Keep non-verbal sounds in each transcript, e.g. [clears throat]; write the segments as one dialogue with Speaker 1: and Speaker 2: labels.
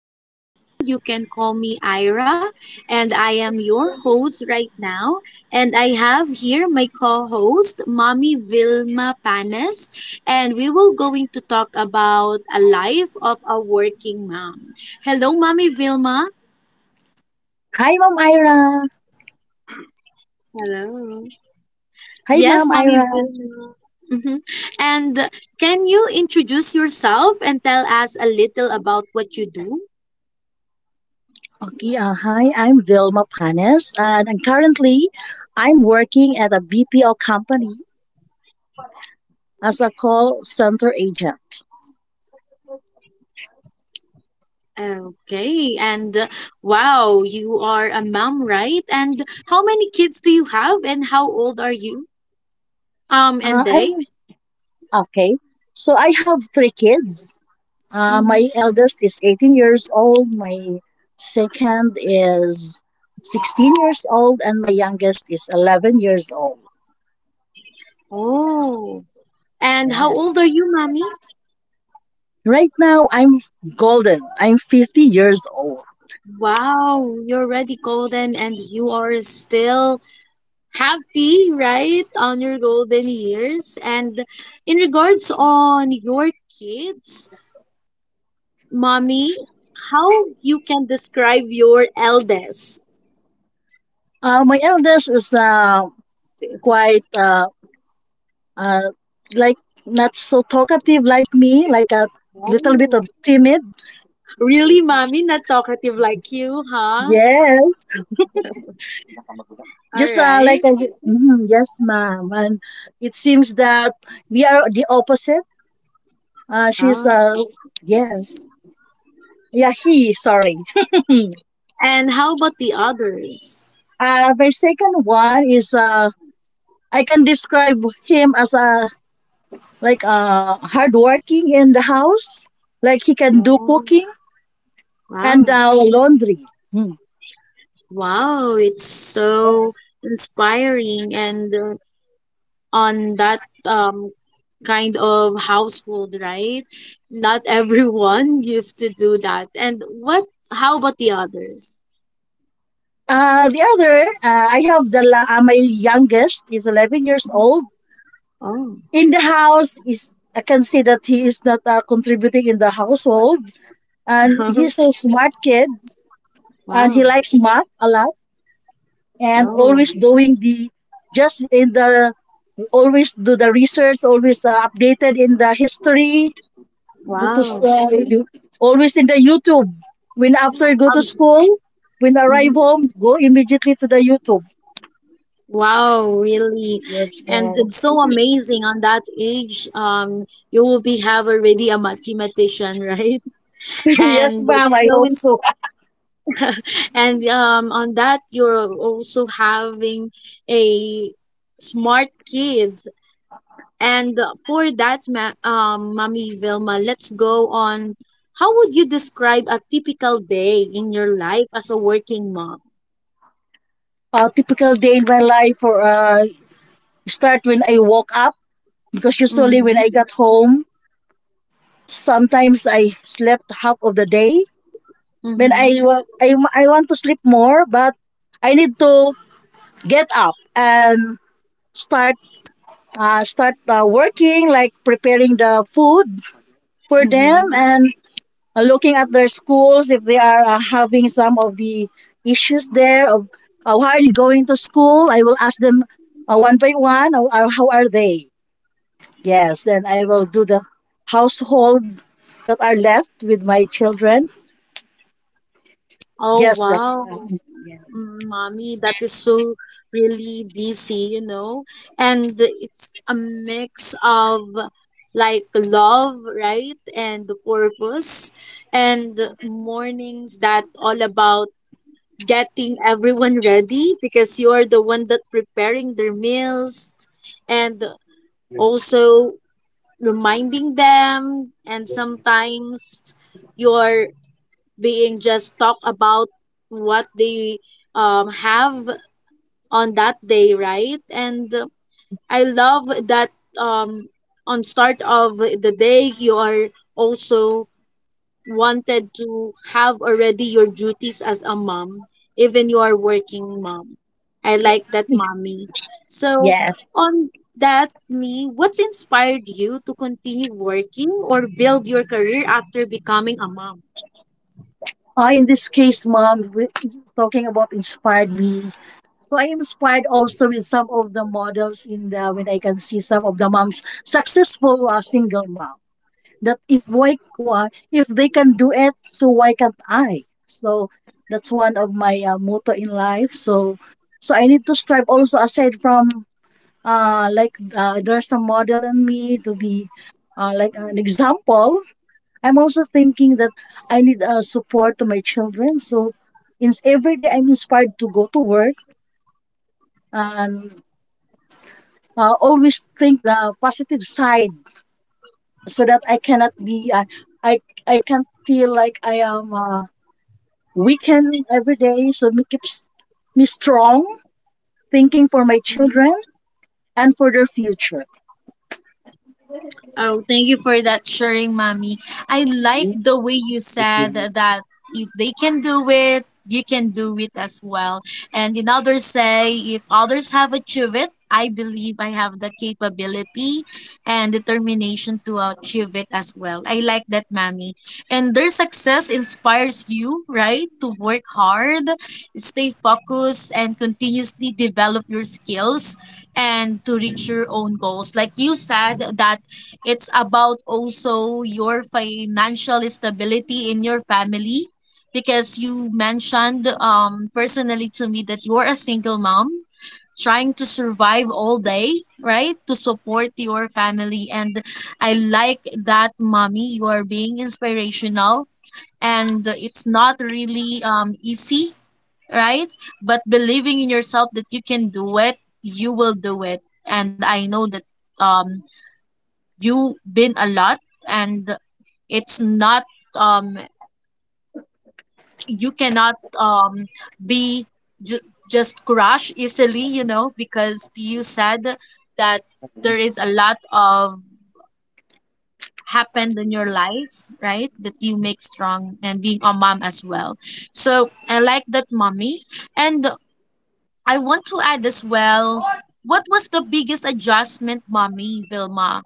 Speaker 1: Jean Brescia. You can call me Ira, and I am your host right now. And I have here my co-host, Mommy Vilma Panes, and we will going to talk about a life of a working mom. Hello, Mommy Vilma.
Speaker 2: Hi, Ma'am Ira.
Speaker 1: Hello.
Speaker 2: Hi, Ma'am
Speaker 1: Yes, Mommy
Speaker 2: Ira.
Speaker 1: Vilma. Mhm. And can you introduce yourself and tell us a little about what you do?
Speaker 2: Okay, Hi, I'm Vilma Panes, and I'm currently I'm working at a BPO company as a call center agent.
Speaker 1: Okay, and wow, you are a mom, right? And how many kids do you have, and how old are you? And they?
Speaker 2: I'm okay. So I have three kids.
Speaker 1: Mm-hmm.
Speaker 2: My eldest is 18 years old. My second is 16 years old, and my youngest is 11 years old.
Speaker 1: Oh, and how
Speaker 2: Yeah.
Speaker 1: old are you, mommy?
Speaker 2: Right now, I'm golden. I'm 50 years old.
Speaker 1: Wow, you're already golden, and you are still happy, right, on your golden years. And in regards on your kids, mommy, how you can describe your eldest?
Speaker 2: My eldest is quite uh, like not so talkative like me, like a little
Speaker 1: Oh.
Speaker 2: bit of timid.
Speaker 1: Really, mommy, not talkative like you, huh?
Speaker 2: Yes,
Speaker 1: [laughs] All
Speaker 2: just
Speaker 1: right.
Speaker 2: mhm, yes, ma'am. And it seems that we are the opposite. Uh, she's
Speaker 1: Oh.
Speaker 2: uh, yes, yeah, he. Sorry.
Speaker 1: And how about the others?
Speaker 2: My second one is I can describe him as a like hardworking in the house, like he can do
Speaker 1: Oh,
Speaker 2: cooking and
Speaker 1: wow.
Speaker 2: laundry. Hmm.
Speaker 1: Wow, it's so inspiring and on that kind of household, right? Not everyone [laughs] used to do that. And what how about the others?
Speaker 2: I have the my youngest is 11 years old.
Speaker 1: Oh.
Speaker 2: In the house is I can see that he is not contributing in the household, and he's
Speaker 1: [laughs]
Speaker 2: a smart kid, and he
Speaker 1: Wow.
Speaker 2: likes math a lot, and
Speaker 1: Oh,
Speaker 2: just in the always do the research, always updated in the history, go to s-
Speaker 1: wow.
Speaker 2: you- always in the YouTube. When after go to
Speaker 1: Um,
Speaker 2: school, when arrive
Speaker 1: mhm.
Speaker 2: home, go immediately to the YouTube.
Speaker 1: Wow, really.
Speaker 2: Yes,
Speaker 1: And
Speaker 2: ma'am.
Speaker 1: it's so amazing on that age, you will be have already a mathematician, right?
Speaker 2: [laughs]
Speaker 1: [laughs]
Speaker 2: Yes,
Speaker 1: And
Speaker 2: ma'am,
Speaker 1: it's
Speaker 2: I
Speaker 1: so
Speaker 2: hope
Speaker 1: ins-
Speaker 2: so.
Speaker 1: and on that you're also having a smart kids. And for that, ma Mommy Vilma, let's go on. How would you describe a typical day in your life as a working mom?
Speaker 2: A typical day in my life for start when I woke up because usually when I
Speaker 1: Mm-hmm.
Speaker 2: got home, sometimes I slept half of the day. When
Speaker 1: Mm-hmm.
Speaker 2: I wa- I wa- I want to sleep more, but I need to get up and start start working, like preparing the food for them
Speaker 1: Mm-hmm.
Speaker 2: and looking at their schools if they are having some of the issues there of why are you going to school. I will ask them one by one how are they, yes. Then I will do the household that are left with my children.
Speaker 1: Oh,
Speaker 2: Yes that
Speaker 1: wow.
Speaker 2: um,
Speaker 1: Mm, Mommy, that is so really busy, you know, and it's a mix of like love, right, and the purpose, and mornings that all about getting everyone ready because you are the one that preparing their meals and also reminding them, and sometimes you're being just talk about what they have on that day, right? And I love that um on start of the day you are also wanted to have already your duties as a mom, even you are working mom. I like that mommy. So
Speaker 2: yes
Speaker 1: on that me, what's inspired you to continue working or build your career after becoming a mom?
Speaker 2: In this case, mom, is talking about inspired me. So I am inspired also with some of the models in the when I can see some of the moms successful single mom. That if why, why if they can do it, so why can't I? So that's one of my motto in life. So so I need to strive also aside from there's a model in me to be like an example. I'm also thinking that I need support to my children. So in every day, I'm inspired to go to work and always think the positive side so that I cannot be I I can't feel like I am we can win every day, so me keeps me strong, thinking for my children and for their future.
Speaker 1: Oh, thank you for that sharing, mommy. I like the way you said that if they can do it, you can do it as well. And in others say, if others have achieved it, I believe I have the capability and determination to achieve it as well. I like that, mommy. And their success inspires you, right? To work hard, stay focused, and continuously develop your skills and to reach your own goals. Like you said, that it's about also your financial stability in your family because you mentioned personally to me that you're a single mom trying to survive all day, right? To support your family, and I like that mommy you are being inspirational, and it's not really easy, right? But believing in yourself that you can do it, you will do it. And I know that um you have been a lot, and it's not um you cannot be ju- just crush easily, you know, because you said that there is a lot of happened in your life, right, that you make strong and being a mom as well. So I like that mommy, and I want to add as well, what was the biggest adjustment, Mommy Vilma?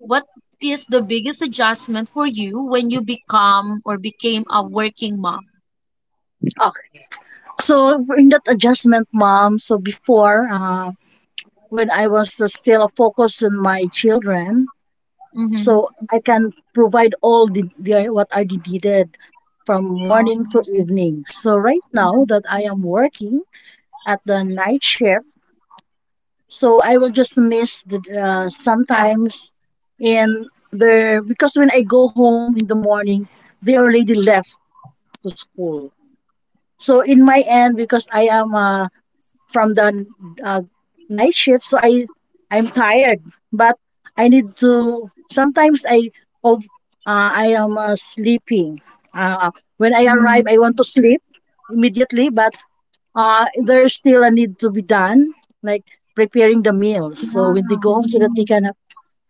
Speaker 1: What is the biggest adjustment for you when you become or became a working mom?
Speaker 2: Okay. So in that adjustment, mom. So before, when I was still focused on my children,
Speaker 1: Mm-hmm.
Speaker 2: so I can provide all the what I needed from
Speaker 1: Oh.
Speaker 2: morning to evening. So right now that I am working at the night shift, so I will just miss the sometimes in there because when I go home in the morning, they already left to school. So in my end, because I am from the uh, night shift, so I'm tired, but I need to. Sometimes oh, I am sleeping. Uh, when I arrive,
Speaker 1: Mm-hmm.
Speaker 2: I want to sleep immediately, but there's still a need to be done, like preparing the meals. So
Speaker 1: Yeah.
Speaker 2: when they go home, so that
Speaker 1: Mm-hmm.
Speaker 2: they can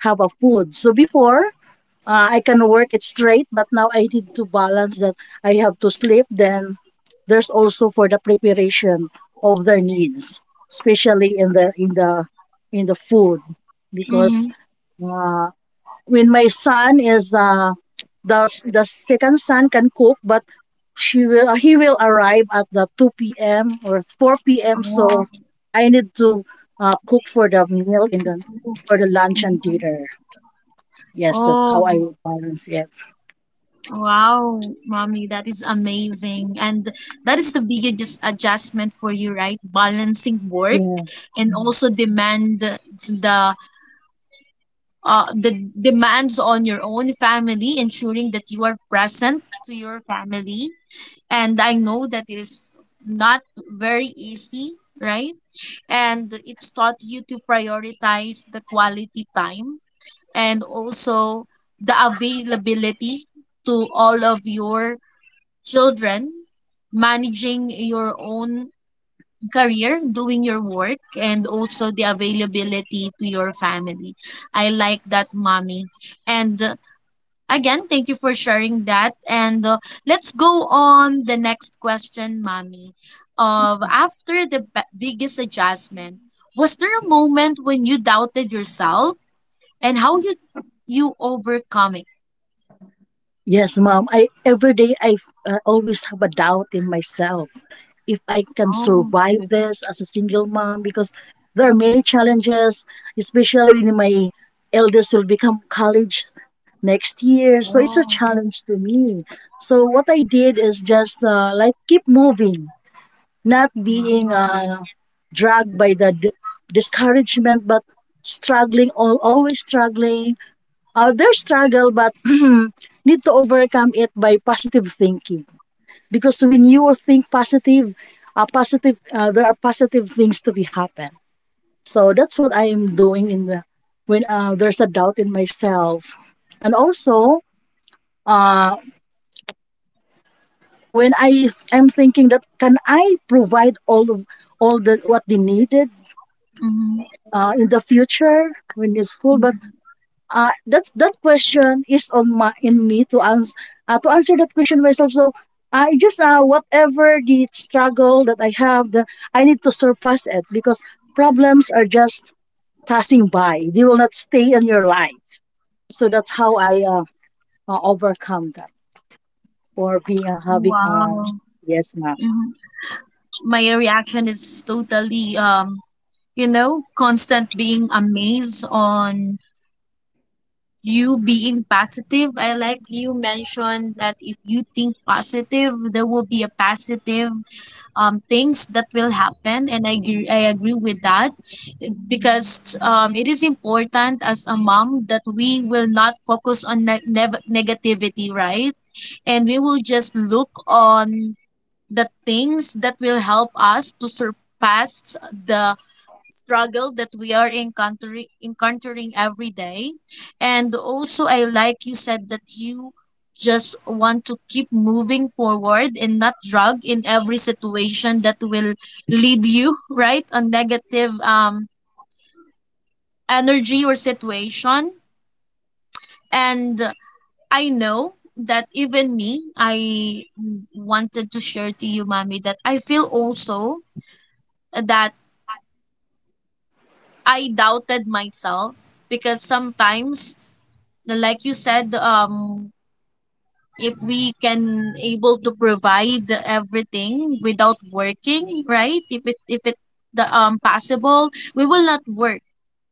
Speaker 2: have a food. So before, I can work it straight, but now I need to balance that I have to sleep. Then there's also for the preparation of their needs, especially in the food, because
Speaker 1: Mm-hmm.
Speaker 2: uh, when my son is uh, the second son can cook, but she will he will arrive at the 2 p.m. or 4 p.m.
Speaker 1: Oh.
Speaker 2: So I need to cook for the meal in the for the lunch and
Speaker 1: Mhm.
Speaker 2: dinner. Yes, that's how I
Speaker 1: Oh.
Speaker 2: would balance it.
Speaker 1: Wow, mommy, that is amazing. And that is the biggest adjustment for you, right? Balancing work
Speaker 2: Yeah.
Speaker 1: and
Speaker 2: Mm.
Speaker 1: also demand the demands on your own family, ensuring that you are present to your family, and I know that it is not very easy, right? And it's taught you to prioritize the quality time and also the availability to all of your children, managing your own career, doing your work, and also the availability to your family. I like that, mommy. And again, thank you for sharing that. And let's go on the next question, Mommy. Of after the biggest adjustment, was there a moment when you doubted yourself and how you overcome it?
Speaker 2: Yes, mom. I every day I always have a doubt in myself if I can
Speaker 1: Oh,
Speaker 2: survive this as a single mom because there are many challenges, especially when my eldest will become college next year. So it's a
Speaker 1: oh,
Speaker 2: challenge to me. So what I did is just like keep moving, not being
Speaker 1: wow.
Speaker 2: dragged by the discouragement, but struggling, always struggling. Others struggle, but [clears throat] need to overcome it by positive thinking. Because when you think positive, there are positive things to be happen. So that's what I am doing in the when there's a doubt in myself, and also uh, when I am thinking that can I provide all the what they needed
Speaker 1: Hmm.
Speaker 2: in the future when in school, but that question is on my in me to answer that question myself. So I just whatever the struggle that I have, I need to surpass it because problems are just passing by. They will not stay in your life. So that's how I overcome that or being having a
Speaker 1: Wow.
Speaker 2: yes, ma'am.
Speaker 1: Mhm. My reaction is totally you know, constant being amazed on you being positive. I like you mentioned that if you think positive, there will be a positive things that will happen, and I agree with that because it is important as a mom that we will not focus on negativity, right? And we will just look on the things that will help us to surpass the struggle that we are encountering every day. And also I like you said that you just want to keep moving forward and not drag in every situation that will lead you [laughs] right a negative energy or situation. And I know that even me I wanted to share to you mommy that I feel also that I doubted myself because sometimes like you said if we can able to provide everything without working, right, if it the possible, we will not work,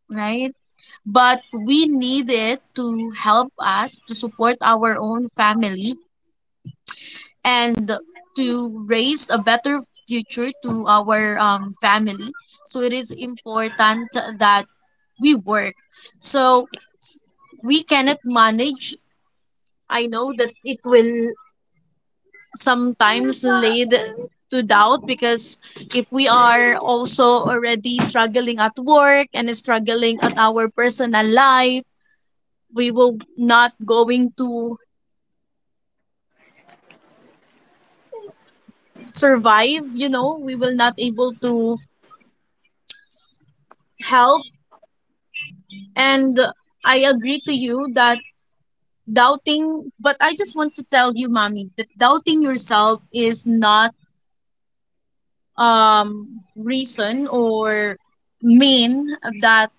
Speaker 1: right, but we need it to help us to support our own family and to raise a better future to our family. So it is important that we work, so s- we cannot manage. I know that it will sometimes lead to doubt because if we are also already struggling at work and struggling at our personal life, we will not going to survive, you know, we will not able to help. And I agree to you that doubting, but I just want to tell you mommy that doubting yourself is not reason or mean that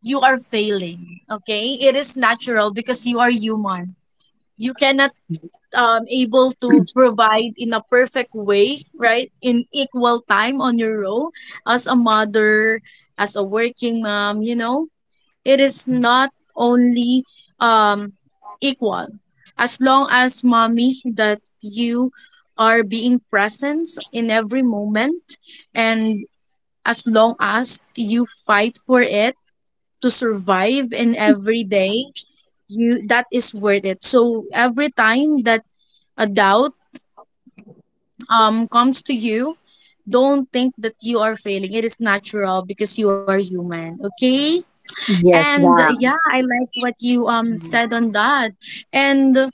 Speaker 1: you are failing, okay. It is natural because you are human. You cannot able to provide in a perfect way, right, in equal time on your role as a mother, as a working mom, you know. It is not only um equal. As long as mommy that you are being present in every moment, and as long as you fight for it to survive in every day, you, that is worth it. So every time that a doubt comes to you, don't think that you are failing. It is natural because you are human, okay.
Speaker 2: Yes,
Speaker 1: And
Speaker 2: wow.
Speaker 1: yeah, I like what you
Speaker 2: Mm.
Speaker 1: said on that. And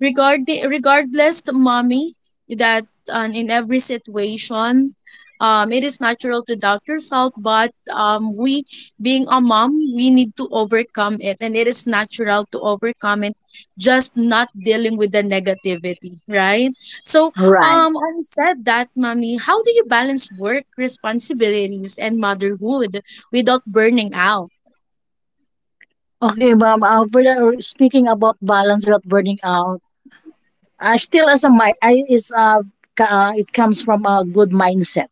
Speaker 1: regardless, mommy, that in every situation, it is natural to doubt yourself. But we being a mom, we need to overcome it, and it is natural to overcome it. Just not dealing with the negativity, right? So
Speaker 2: All right.
Speaker 1: I said that, mommy. How do you balance work responsibilities and motherhood without burning out?
Speaker 2: Okay, ma'am. Speaking about balance without burning out, still as a mi- I is ka- it comes from a good mindset.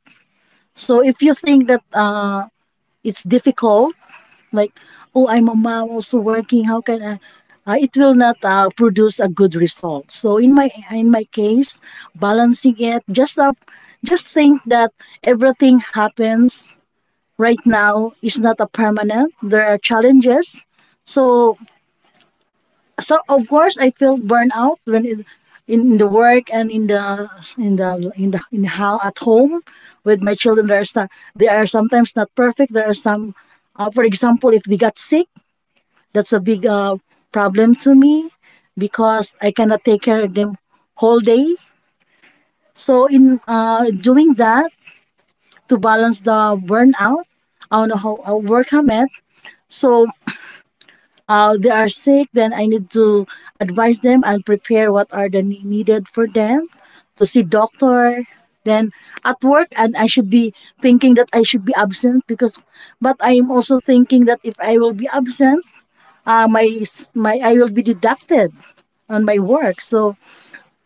Speaker 2: So if you think that it's difficult, like oh, I'm a mom also working, how can I? It will not produce a good result. So in my case, balancing it just up, just think that everything happens right now is not a permanent. There are challenges. So so of course I feel burnout when it, in the work and in how at home with my children there are some, they are sometimes not perfect. There are some for example, if they got sick, that's a big problem to me because I cannot take care of them whole day. So in doing that to balance the burnout on how I work I'm at. So they are sick, then I need to advise them and prepare what are the needed for them to see doctor. Then at work, and I should be thinking that I should be absent because, but I am also thinking that if I will be absent, my s- my I will be deducted on my work. So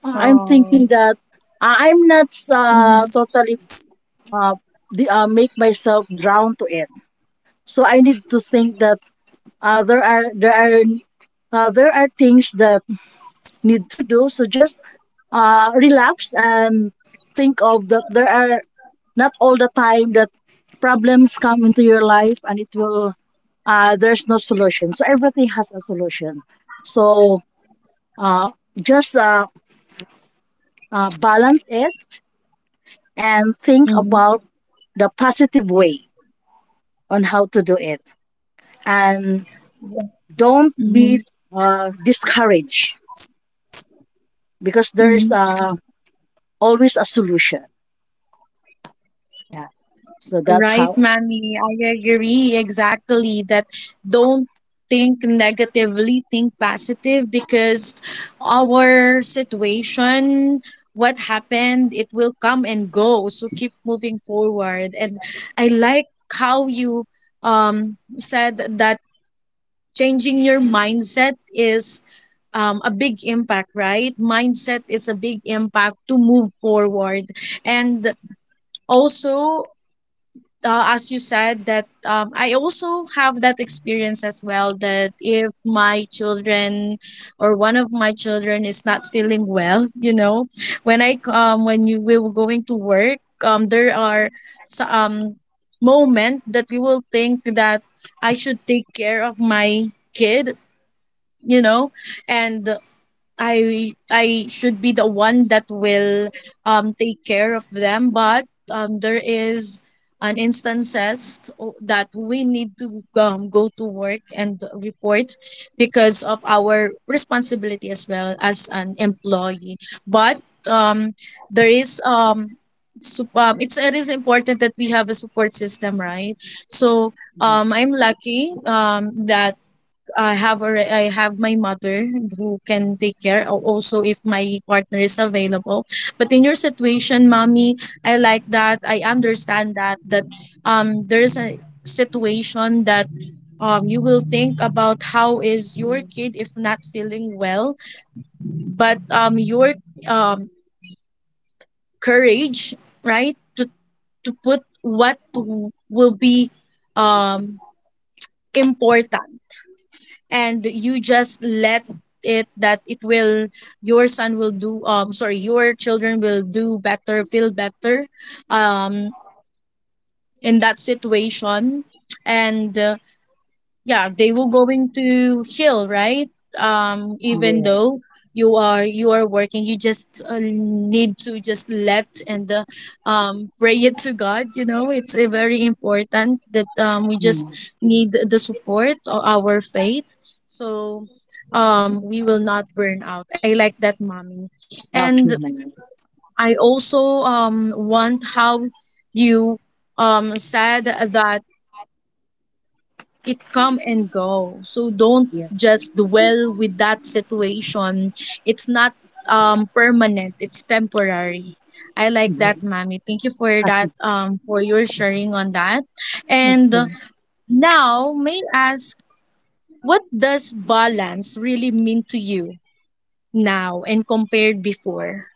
Speaker 2: I'm thinking that I'm not
Speaker 1: Mm-hmm.
Speaker 2: uh, make myself drown to it. So I need to think that uh, there are there are there are things that need to do. So just relax and think of that there are not all the time that problems come into your life and it will there's no solution. So everything has a solution. So uh, just balance it and think
Speaker 1: Mm-hmm.
Speaker 2: about the positive way on how to do it and don't
Speaker 1: Mm-hmm.
Speaker 2: be discouraged because there
Speaker 1: Mm-hmm.
Speaker 2: is a always a solution. Yeah. So that's
Speaker 1: Right,
Speaker 2: how.
Speaker 1: Mammy. I agree exactly that don't think negatively, think positive because our situation, what happened, it will come and go. So keep moving forward. And I like how you said that changing your mindset is a big impact, right? Mindset is a big impact to move forward. And also, as you said, that I also have that experience as well that if my children or one of my children is not feeling well, you know, when I when you we were going to work, there are so- um moment that we will think that I should take care of my kid, you know, and I should be the one that will take care of them. But there is an instances that we need to go to work and report because of our responsibility as well as an employee. But there is it's it is important that we have a support system, right? So
Speaker 2: Yeah.
Speaker 1: I'm lucky that I have already, I have my mother who can take care also if my partner is available. But in your situation, mommy, I like that. I understand that that there is a situation that you will think about how is your kid if not feeling well, but your um courage, right? To put will be um important. And you just let it that it will your children will do better, feel better um in that situation. And yeah, they will going to heal, right? Even
Speaker 2: Yeah.
Speaker 1: though you are working, you just need to just let. And pray it to God, you know, it's a very important that we just
Speaker 2: Yeah.
Speaker 1: need the support of our faith. So we will not burn out. I like that, mommy. And
Speaker 2: Okay, ma'am.
Speaker 1: I also want how you said that it come and go, so don't
Speaker 2: Yeah.
Speaker 1: just dwell with that situation. It's not permanent, it's temporary. I like
Speaker 2: Yeah.
Speaker 1: that, mommy. Thank you for
Speaker 2: Okay.
Speaker 1: that, for your sharing on that. And
Speaker 2: Okay.
Speaker 1: now, may I ask, what does balance really mean to you now and compared before?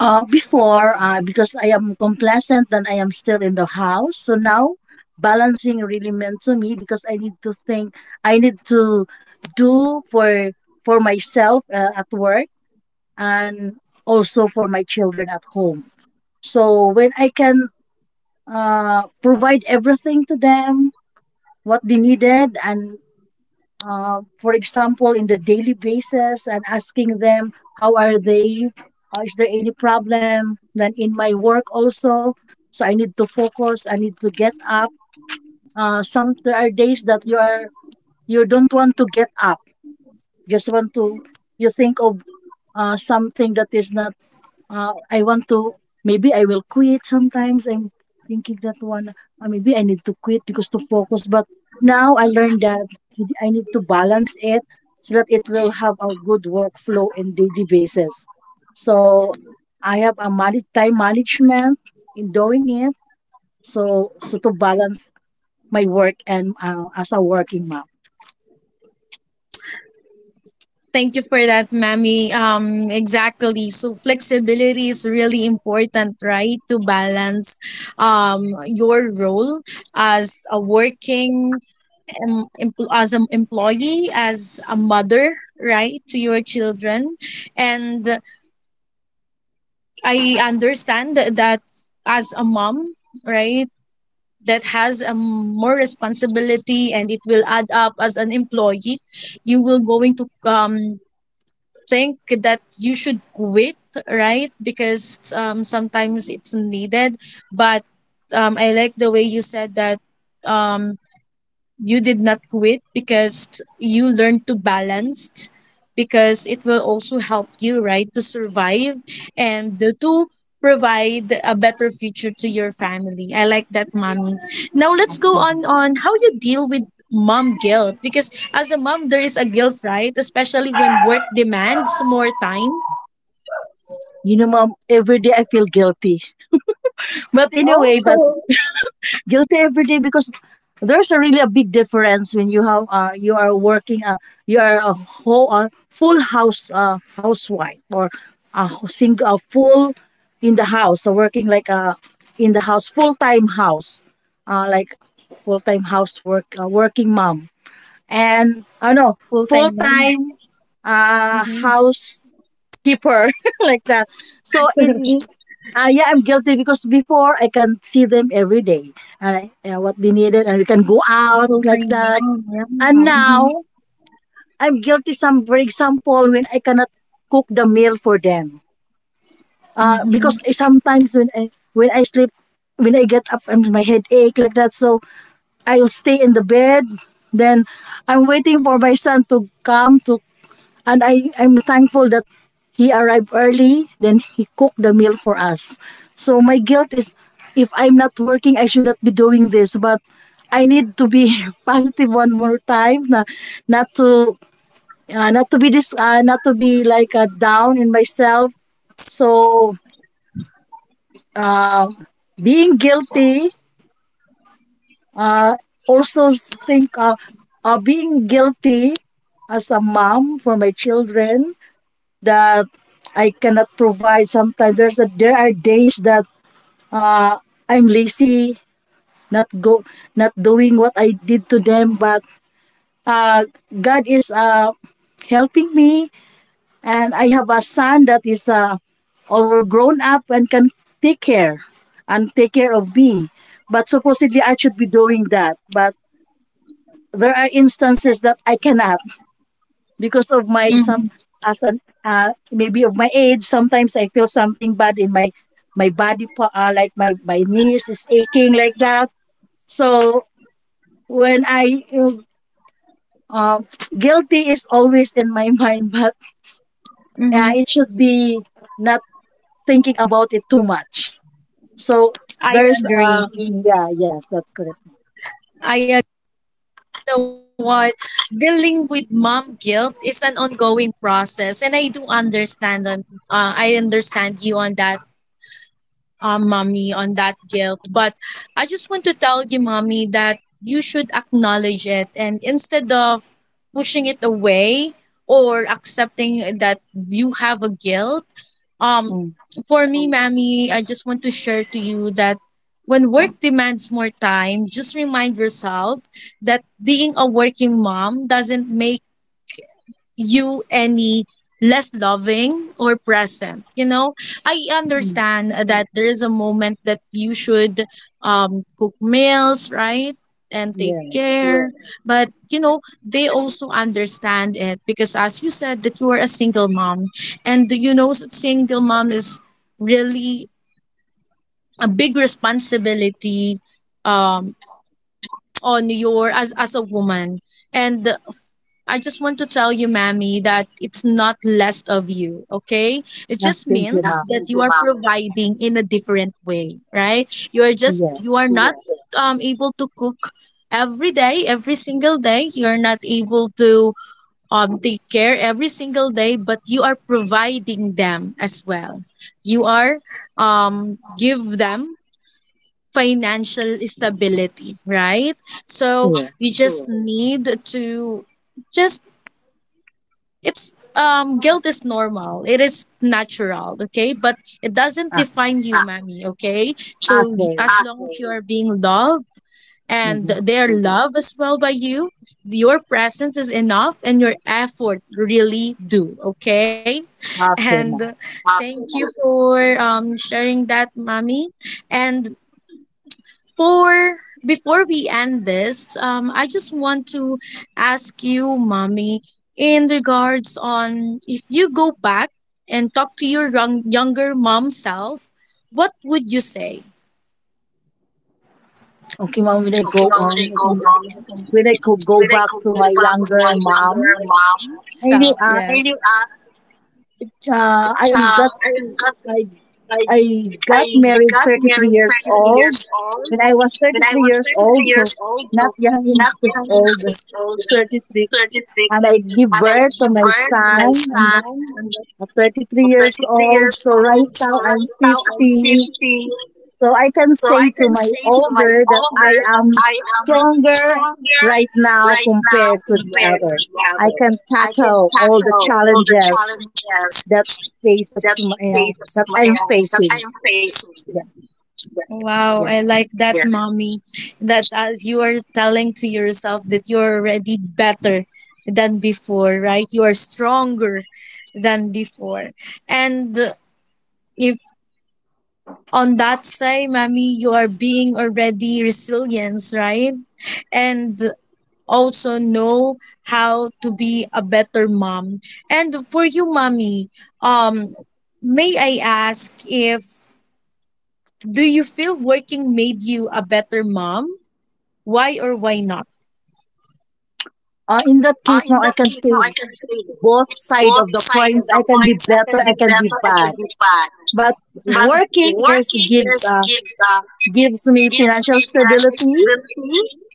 Speaker 2: Before, because I am complacent and I am still in the house. So now, balancing really meant to me because I need to think, I need to do for myself at work and also for my children at home. So when I can provide everything to them, what they needed and for example in the daily basis and asking them how are they, is there any problem. Then in my work also, so I need to focus, I need to get up. Some, there are days that you are you don't want to get up, just want to you think of something that is not I want to maybe I will quit sometimes. I'm thinking that one, maybe I need to quit because to focus. But now I learned that I need to balance it so that it will have a good workflow and daily basis. So I have a manage, time management in doing it. So so to balance my work and as a working mom.
Speaker 1: Thank you for that, Mammy. Exactly. So flexibility is really important, right? To balance your role as a working as an employee, as a mother, right, to your children. And I understand that that as a mom, right, that has more responsibility, and it will add up as an employee. You will going to think that you should quit, right? Because sometimes it's needed. But I like the way you said that um, you did not quit because you learned to balance, because it will also help you, right, to survive and to provide a better future to your family. I like that, mommy. Now let's go
Speaker 2: Yeah.
Speaker 1: on how you deal with mom guilt, because as a mom, there is a guilt, right? Especially when work demands more time.
Speaker 2: You know, mom, every day I feel guilty. [laughs] But anyway, but
Speaker 1: Oh.
Speaker 2: guilty every day because there's a really a big difference when you have you are working you are a whole full house housewife or a single a full in the house so working like a in the house full time house like full time housework working mom and I know
Speaker 1: [laughs]
Speaker 2: full
Speaker 1: Full-time mom.
Speaker 2: time
Speaker 1: Mm-hmm.
Speaker 2: house keep her [laughs] like that. So in
Speaker 1: [laughs]
Speaker 2: yeah, I'm guilty because before I can see them every day and I, what they needed, and we can go
Speaker 1: A
Speaker 2: out like
Speaker 1: full-time
Speaker 2: that.
Speaker 1: mom, yeah.
Speaker 2: And now
Speaker 1: Mm-hmm.
Speaker 2: I'm guilty. Some, for example, when I cannot cook the meal for them, because
Speaker 1: Mm-hmm.
Speaker 2: sometimes when I sleep, when I get up, and my head ache like that. So I'll stay in the bed. Then I'm waiting for my son to come to and I'm thankful that he arrived early, then he cooked the meal for us. So my guilt is if I'm not working, I should not be doing this. But I need to be [laughs] positive one more time, na, not to not to be this, not to be like down in myself. So uh, being guilty, uh, also think being guilty as a mom for my children that I cannot provide. Sometimes there are days that uh, I'm lazy, not go, not doing what I did to them. But uh, God is helping me, and I have a son that is all grown up and can take care and take care of me. But supposedly I should be doing that. But there are instances that I cannot, because of my some as an maybe of my age. Sometimes I feel something bad in my my body like my knees is aching like that. So when I uh, guilty is always in my [laughs] mind. But it should
Speaker 1: Mm-hmm.
Speaker 2: be not thinking about it too much. So there's
Speaker 1: I
Speaker 2: yeah,
Speaker 1: agree.
Speaker 2: yeah, that's correct.
Speaker 1: I agree. You know what? Dealing with mom guilt is an ongoing process, and I do understand on. I understand you on that, mommy, on that guilt. But I just want to tell you, mommy, that you should acknowledge it, and instead of pushing it away or accepting that you have a guilt, um,
Speaker 2: Mm,
Speaker 1: for me, mommy, I just want to share to you that when work demands more time, just remind yourself that being a working mom doesn't make you any less loving or present, you know. I
Speaker 2: mm,
Speaker 1: understand that there is a moment that you should cook meals, right, and take
Speaker 2: yes.
Speaker 1: care. Yes. But you know, they also understand it, because as you said that you are a single mom. And you know, single mom is really a big responsibility um on your, as a woman. And I just want to tell you, Mammy, that it's not less of you, okay? It
Speaker 2: Ah,
Speaker 1: just
Speaker 2: thank
Speaker 1: means
Speaker 2: you,
Speaker 1: that
Speaker 2: ma'am.
Speaker 1: definitely, you Definitely. are, Mama. Providing in a different way, right? You are just
Speaker 2: Yes,
Speaker 1: you are not Yes. Able to cook every day, every single day. You are not able to take care every single day, but you are providing them as well. You are give them financial stability, right? So
Speaker 2: yes,
Speaker 1: you just need to just it's guilt is normal. It is natural, okay? But it doesn't
Speaker 2: ah,
Speaker 1: define you, mommy, okay? So as
Speaker 2: okay.
Speaker 1: long as you okay. are being loved, and
Speaker 2: Mm-hmm.
Speaker 1: they are loved as well by you, your presence is enough, and your effort really do, okay?
Speaker 2: Okay, ma'am.
Speaker 1: And thank you Okay. for sharing that, mommy. And for before we end this, I just want to ask you, mommy, in regards on if you go back and talk to your younger mom self, what would you say?
Speaker 2: Okay, mom, when I go
Speaker 1: Okay, well,
Speaker 2: on, when I could go
Speaker 1: when I
Speaker 2: back
Speaker 1: go,
Speaker 2: to
Speaker 1: go
Speaker 2: my
Speaker 1: back to
Speaker 2: younger
Speaker 1: my
Speaker 2: mom,
Speaker 1: younger mom,
Speaker 2: I
Speaker 1: so
Speaker 2: knew
Speaker 1: really, yes, ask,
Speaker 2: I
Speaker 1: cha,
Speaker 2: got
Speaker 1: I got
Speaker 2: I
Speaker 1: my
Speaker 2: I
Speaker 1: I
Speaker 2: got married
Speaker 1: got
Speaker 2: 33
Speaker 1: married
Speaker 2: years
Speaker 1: 33
Speaker 2: old.
Speaker 1: years old.
Speaker 2: When I was
Speaker 1: When I
Speaker 2: 33
Speaker 1: was
Speaker 2: years
Speaker 1: 33
Speaker 2: old, so
Speaker 1: years old,
Speaker 2: not
Speaker 1: no,
Speaker 2: young
Speaker 1: not
Speaker 2: enough is
Speaker 1: 30
Speaker 2: old,
Speaker 1: years old,
Speaker 2: 33,
Speaker 1: 33.
Speaker 2: and I give
Speaker 1: And I
Speaker 2: birth to
Speaker 1: give
Speaker 2: my
Speaker 1: birth to my
Speaker 2: son, and
Speaker 1: son.
Speaker 2: at 33
Speaker 1: I
Speaker 2: years
Speaker 1: 33
Speaker 2: old.
Speaker 1: years
Speaker 2: So right
Speaker 1: old. So
Speaker 2: now I'm
Speaker 1: right now I'm
Speaker 2: 50.
Speaker 1: 50.
Speaker 2: So I can
Speaker 1: So
Speaker 2: say
Speaker 1: I
Speaker 2: to
Speaker 1: can
Speaker 2: my
Speaker 1: say to my
Speaker 2: older that I
Speaker 1: older that
Speaker 2: am
Speaker 1: I am
Speaker 2: stronger
Speaker 1: stronger
Speaker 2: right now
Speaker 1: right now
Speaker 2: compared to the
Speaker 1: compared to
Speaker 2: other.
Speaker 1: the
Speaker 2: I
Speaker 1: other.
Speaker 2: can
Speaker 1: I can
Speaker 2: tackle all the
Speaker 1: tackle all the
Speaker 2: challenges
Speaker 1: challenges
Speaker 2: that
Speaker 1: that
Speaker 2: faces my,
Speaker 1: faces
Speaker 2: that I'm
Speaker 1: my, that I am
Speaker 2: facing.
Speaker 1: facing.
Speaker 2: Yeah,
Speaker 1: Wow,
Speaker 2: yeah.
Speaker 1: I like that, Yeah. mommy. That as you are telling to yourself that you're already better than before, right? You are stronger than before. And if on that side, mommy, you are being already resilient, right? And also know how to be a better mom. And for you, mommy, um, may I ask if do you feel working made you a better mom? Why or why not?
Speaker 2: In that case, now
Speaker 1: In
Speaker 2: I
Speaker 1: that
Speaker 2: can
Speaker 1: case, no, I
Speaker 2: say
Speaker 1: can feel
Speaker 2: both side of
Speaker 1: both
Speaker 2: the
Speaker 1: sides of
Speaker 2: coins.
Speaker 1: the
Speaker 2: I can be
Speaker 1: coins. I can
Speaker 2: better. I
Speaker 1: be
Speaker 2: can
Speaker 1: better,
Speaker 2: be
Speaker 1: I can
Speaker 2: bad.
Speaker 1: be bad.
Speaker 2: But
Speaker 1: But [laughs]
Speaker 2: working is
Speaker 1: working
Speaker 2: gives
Speaker 1: is gives
Speaker 2: gives me
Speaker 1: gives
Speaker 2: financial
Speaker 1: me financial
Speaker 2: stability.
Speaker 1: stability.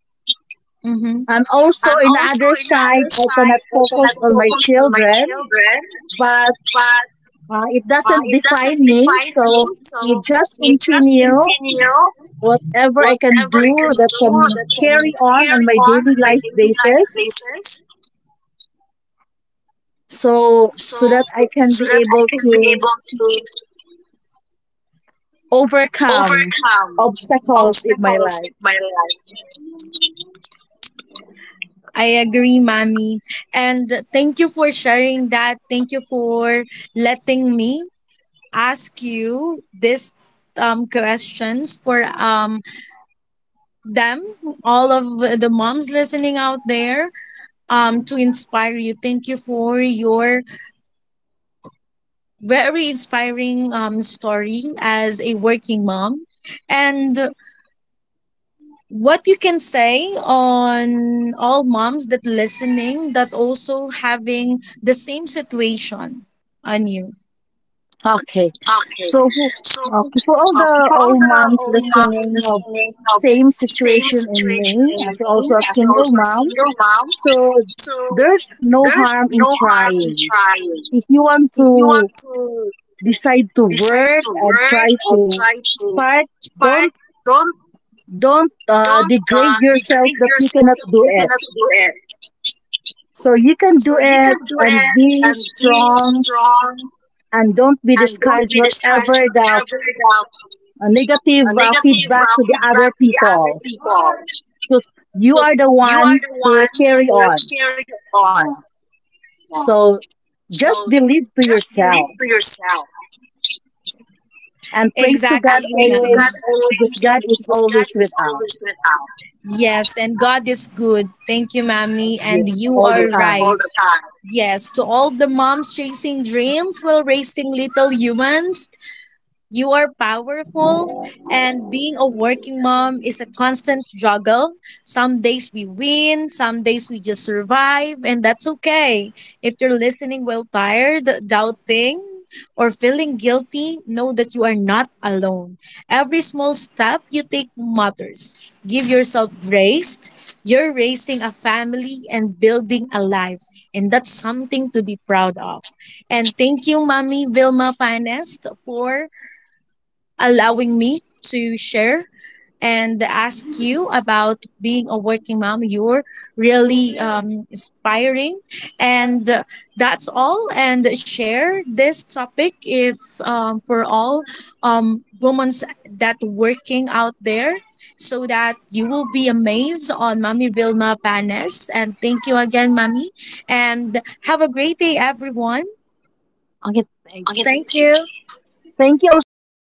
Speaker 1: Mm-hmm.
Speaker 2: And also,
Speaker 1: And
Speaker 2: in the
Speaker 1: also,
Speaker 2: other
Speaker 1: in the
Speaker 2: side,
Speaker 1: other
Speaker 2: I
Speaker 1: side,
Speaker 2: cannot
Speaker 1: I can
Speaker 2: focus
Speaker 1: have
Speaker 2: on my
Speaker 1: focus on my
Speaker 2: children,
Speaker 1: children,
Speaker 2: but
Speaker 1: but
Speaker 2: It doesn't
Speaker 1: it
Speaker 2: define
Speaker 1: doesn't
Speaker 2: me,
Speaker 1: define me.
Speaker 2: so we
Speaker 1: So
Speaker 2: just
Speaker 1: we just
Speaker 2: continue
Speaker 1: continue
Speaker 2: whatever I can
Speaker 1: whatever
Speaker 2: do
Speaker 1: I can
Speaker 2: that
Speaker 1: do
Speaker 2: can
Speaker 1: that can
Speaker 2: carry on
Speaker 1: carry
Speaker 2: my
Speaker 1: on
Speaker 2: daily
Speaker 1: in my
Speaker 2: life
Speaker 1: daily life
Speaker 2: basis,
Speaker 1: basis. so
Speaker 2: so that I
Speaker 1: so
Speaker 2: can be
Speaker 1: that I can
Speaker 2: able
Speaker 1: be
Speaker 2: to
Speaker 1: able to
Speaker 2: overcome
Speaker 1: overcome
Speaker 2: obstacles in my
Speaker 1: obstacles in
Speaker 2: life.
Speaker 1: my life. I agree, Mommy. And thank you for sharing that. Thank you for letting me ask you this questions for them, all of the moms listening out there, to inspire you. Thank you for your very inspiring story as a working mom. And what you can say on all moms that listening that also having the same situation on you.
Speaker 2: Okay,
Speaker 1: Okay.
Speaker 2: so who-
Speaker 1: So,
Speaker 2: okay, for all the
Speaker 1: okay, for all
Speaker 2: old
Speaker 1: the
Speaker 2: moms
Speaker 1: old moms
Speaker 2: listening of
Speaker 1: listening of
Speaker 2: same
Speaker 1: same
Speaker 2: situation in
Speaker 1: situation
Speaker 2: me as
Speaker 1: And
Speaker 2: also
Speaker 1: me,
Speaker 2: a
Speaker 1: as
Speaker 2: single
Speaker 1: also a
Speaker 2: mom,
Speaker 1: single mom,
Speaker 2: so
Speaker 1: so
Speaker 2: there's no
Speaker 1: there's
Speaker 2: harm in
Speaker 1: no harm in
Speaker 2: trying.
Speaker 1: trying.
Speaker 2: If you want
Speaker 1: If
Speaker 2: to
Speaker 1: you want to
Speaker 2: decide to
Speaker 1: decide
Speaker 2: work
Speaker 1: to
Speaker 2: and
Speaker 1: work
Speaker 2: try to
Speaker 1: or try to
Speaker 2: start,
Speaker 1: fight,
Speaker 2: don't
Speaker 1: don't
Speaker 2: don't degrade yourself
Speaker 1: degrade
Speaker 2: that you
Speaker 1: yourself
Speaker 2: cannot
Speaker 1: if
Speaker 2: do
Speaker 1: you
Speaker 2: it.
Speaker 1: cannot do it.
Speaker 2: So you can
Speaker 1: So
Speaker 2: do
Speaker 1: you can
Speaker 2: it
Speaker 1: do
Speaker 2: and
Speaker 1: it
Speaker 2: be
Speaker 1: and be
Speaker 2: strong,
Speaker 1: strong,
Speaker 2: and don't be
Speaker 1: and don't
Speaker 2: discouraged
Speaker 1: be discouraged
Speaker 2: whatever
Speaker 1: with
Speaker 2: the
Speaker 1: every
Speaker 2: negative
Speaker 1: negative
Speaker 2: feedback to the
Speaker 1: feedback
Speaker 2: other
Speaker 1: to the other
Speaker 2: people.
Speaker 1: people.
Speaker 2: So you
Speaker 1: So
Speaker 2: are the
Speaker 1: you are
Speaker 2: one
Speaker 1: the
Speaker 2: to
Speaker 1: one
Speaker 2: carry
Speaker 1: who
Speaker 2: on.
Speaker 1: carry on.
Speaker 2: Yeah.
Speaker 1: Yeah.
Speaker 2: So
Speaker 1: So
Speaker 2: just believe to
Speaker 1: just believe to
Speaker 2: yourself
Speaker 1: yourself
Speaker 2: and
Speaker 1: and
Speaker 2: pray to God
Speaker 1: exactly, pray to God Ma'am.
Speaker 2: always, because
Speaker 1: always,
Speaker 2: God is
Speaker 1: because God
Speaker 2: always
Speaker 1: is
Speaker 2: with us.
Speaker 1: always with us. Yes, and God is good. Thank you, Mommy. And
Speaker 2: Yeah,
Speaker 1: you Good
Speaker 2: all the
Speaker 1: are Good all right.
Speaker 2: time.
Speaker 1: the time. Yes, to all the moms chasing dreams while raising little humans, you are powerful, and being a working mom is a constant struggle. Some days we win, some days we just survive, and that's okay. If you're listening while tired, doubting, or feeling guilty, know that you are not alone. Every small step you take matters. Give yourself grace. You're raising a family and building a life, and that's something to be proud of. And thank you, Mommy Vilma Panes, for allowing me to share and ask you about being a working mom. You're really inspiring. And that's all. And share this topic if for all women that working out there, so that you will be amazed on Mommy Vilma Panes. And thank you again, Mommy. And have a great day, everyone.
Speaker 2: Okay, thank you.
Speaker 1: Okay. Thank you.
Speaker 2: Thank you also, ma'am,
Speaker 1: Thank you.
Speaker 2: for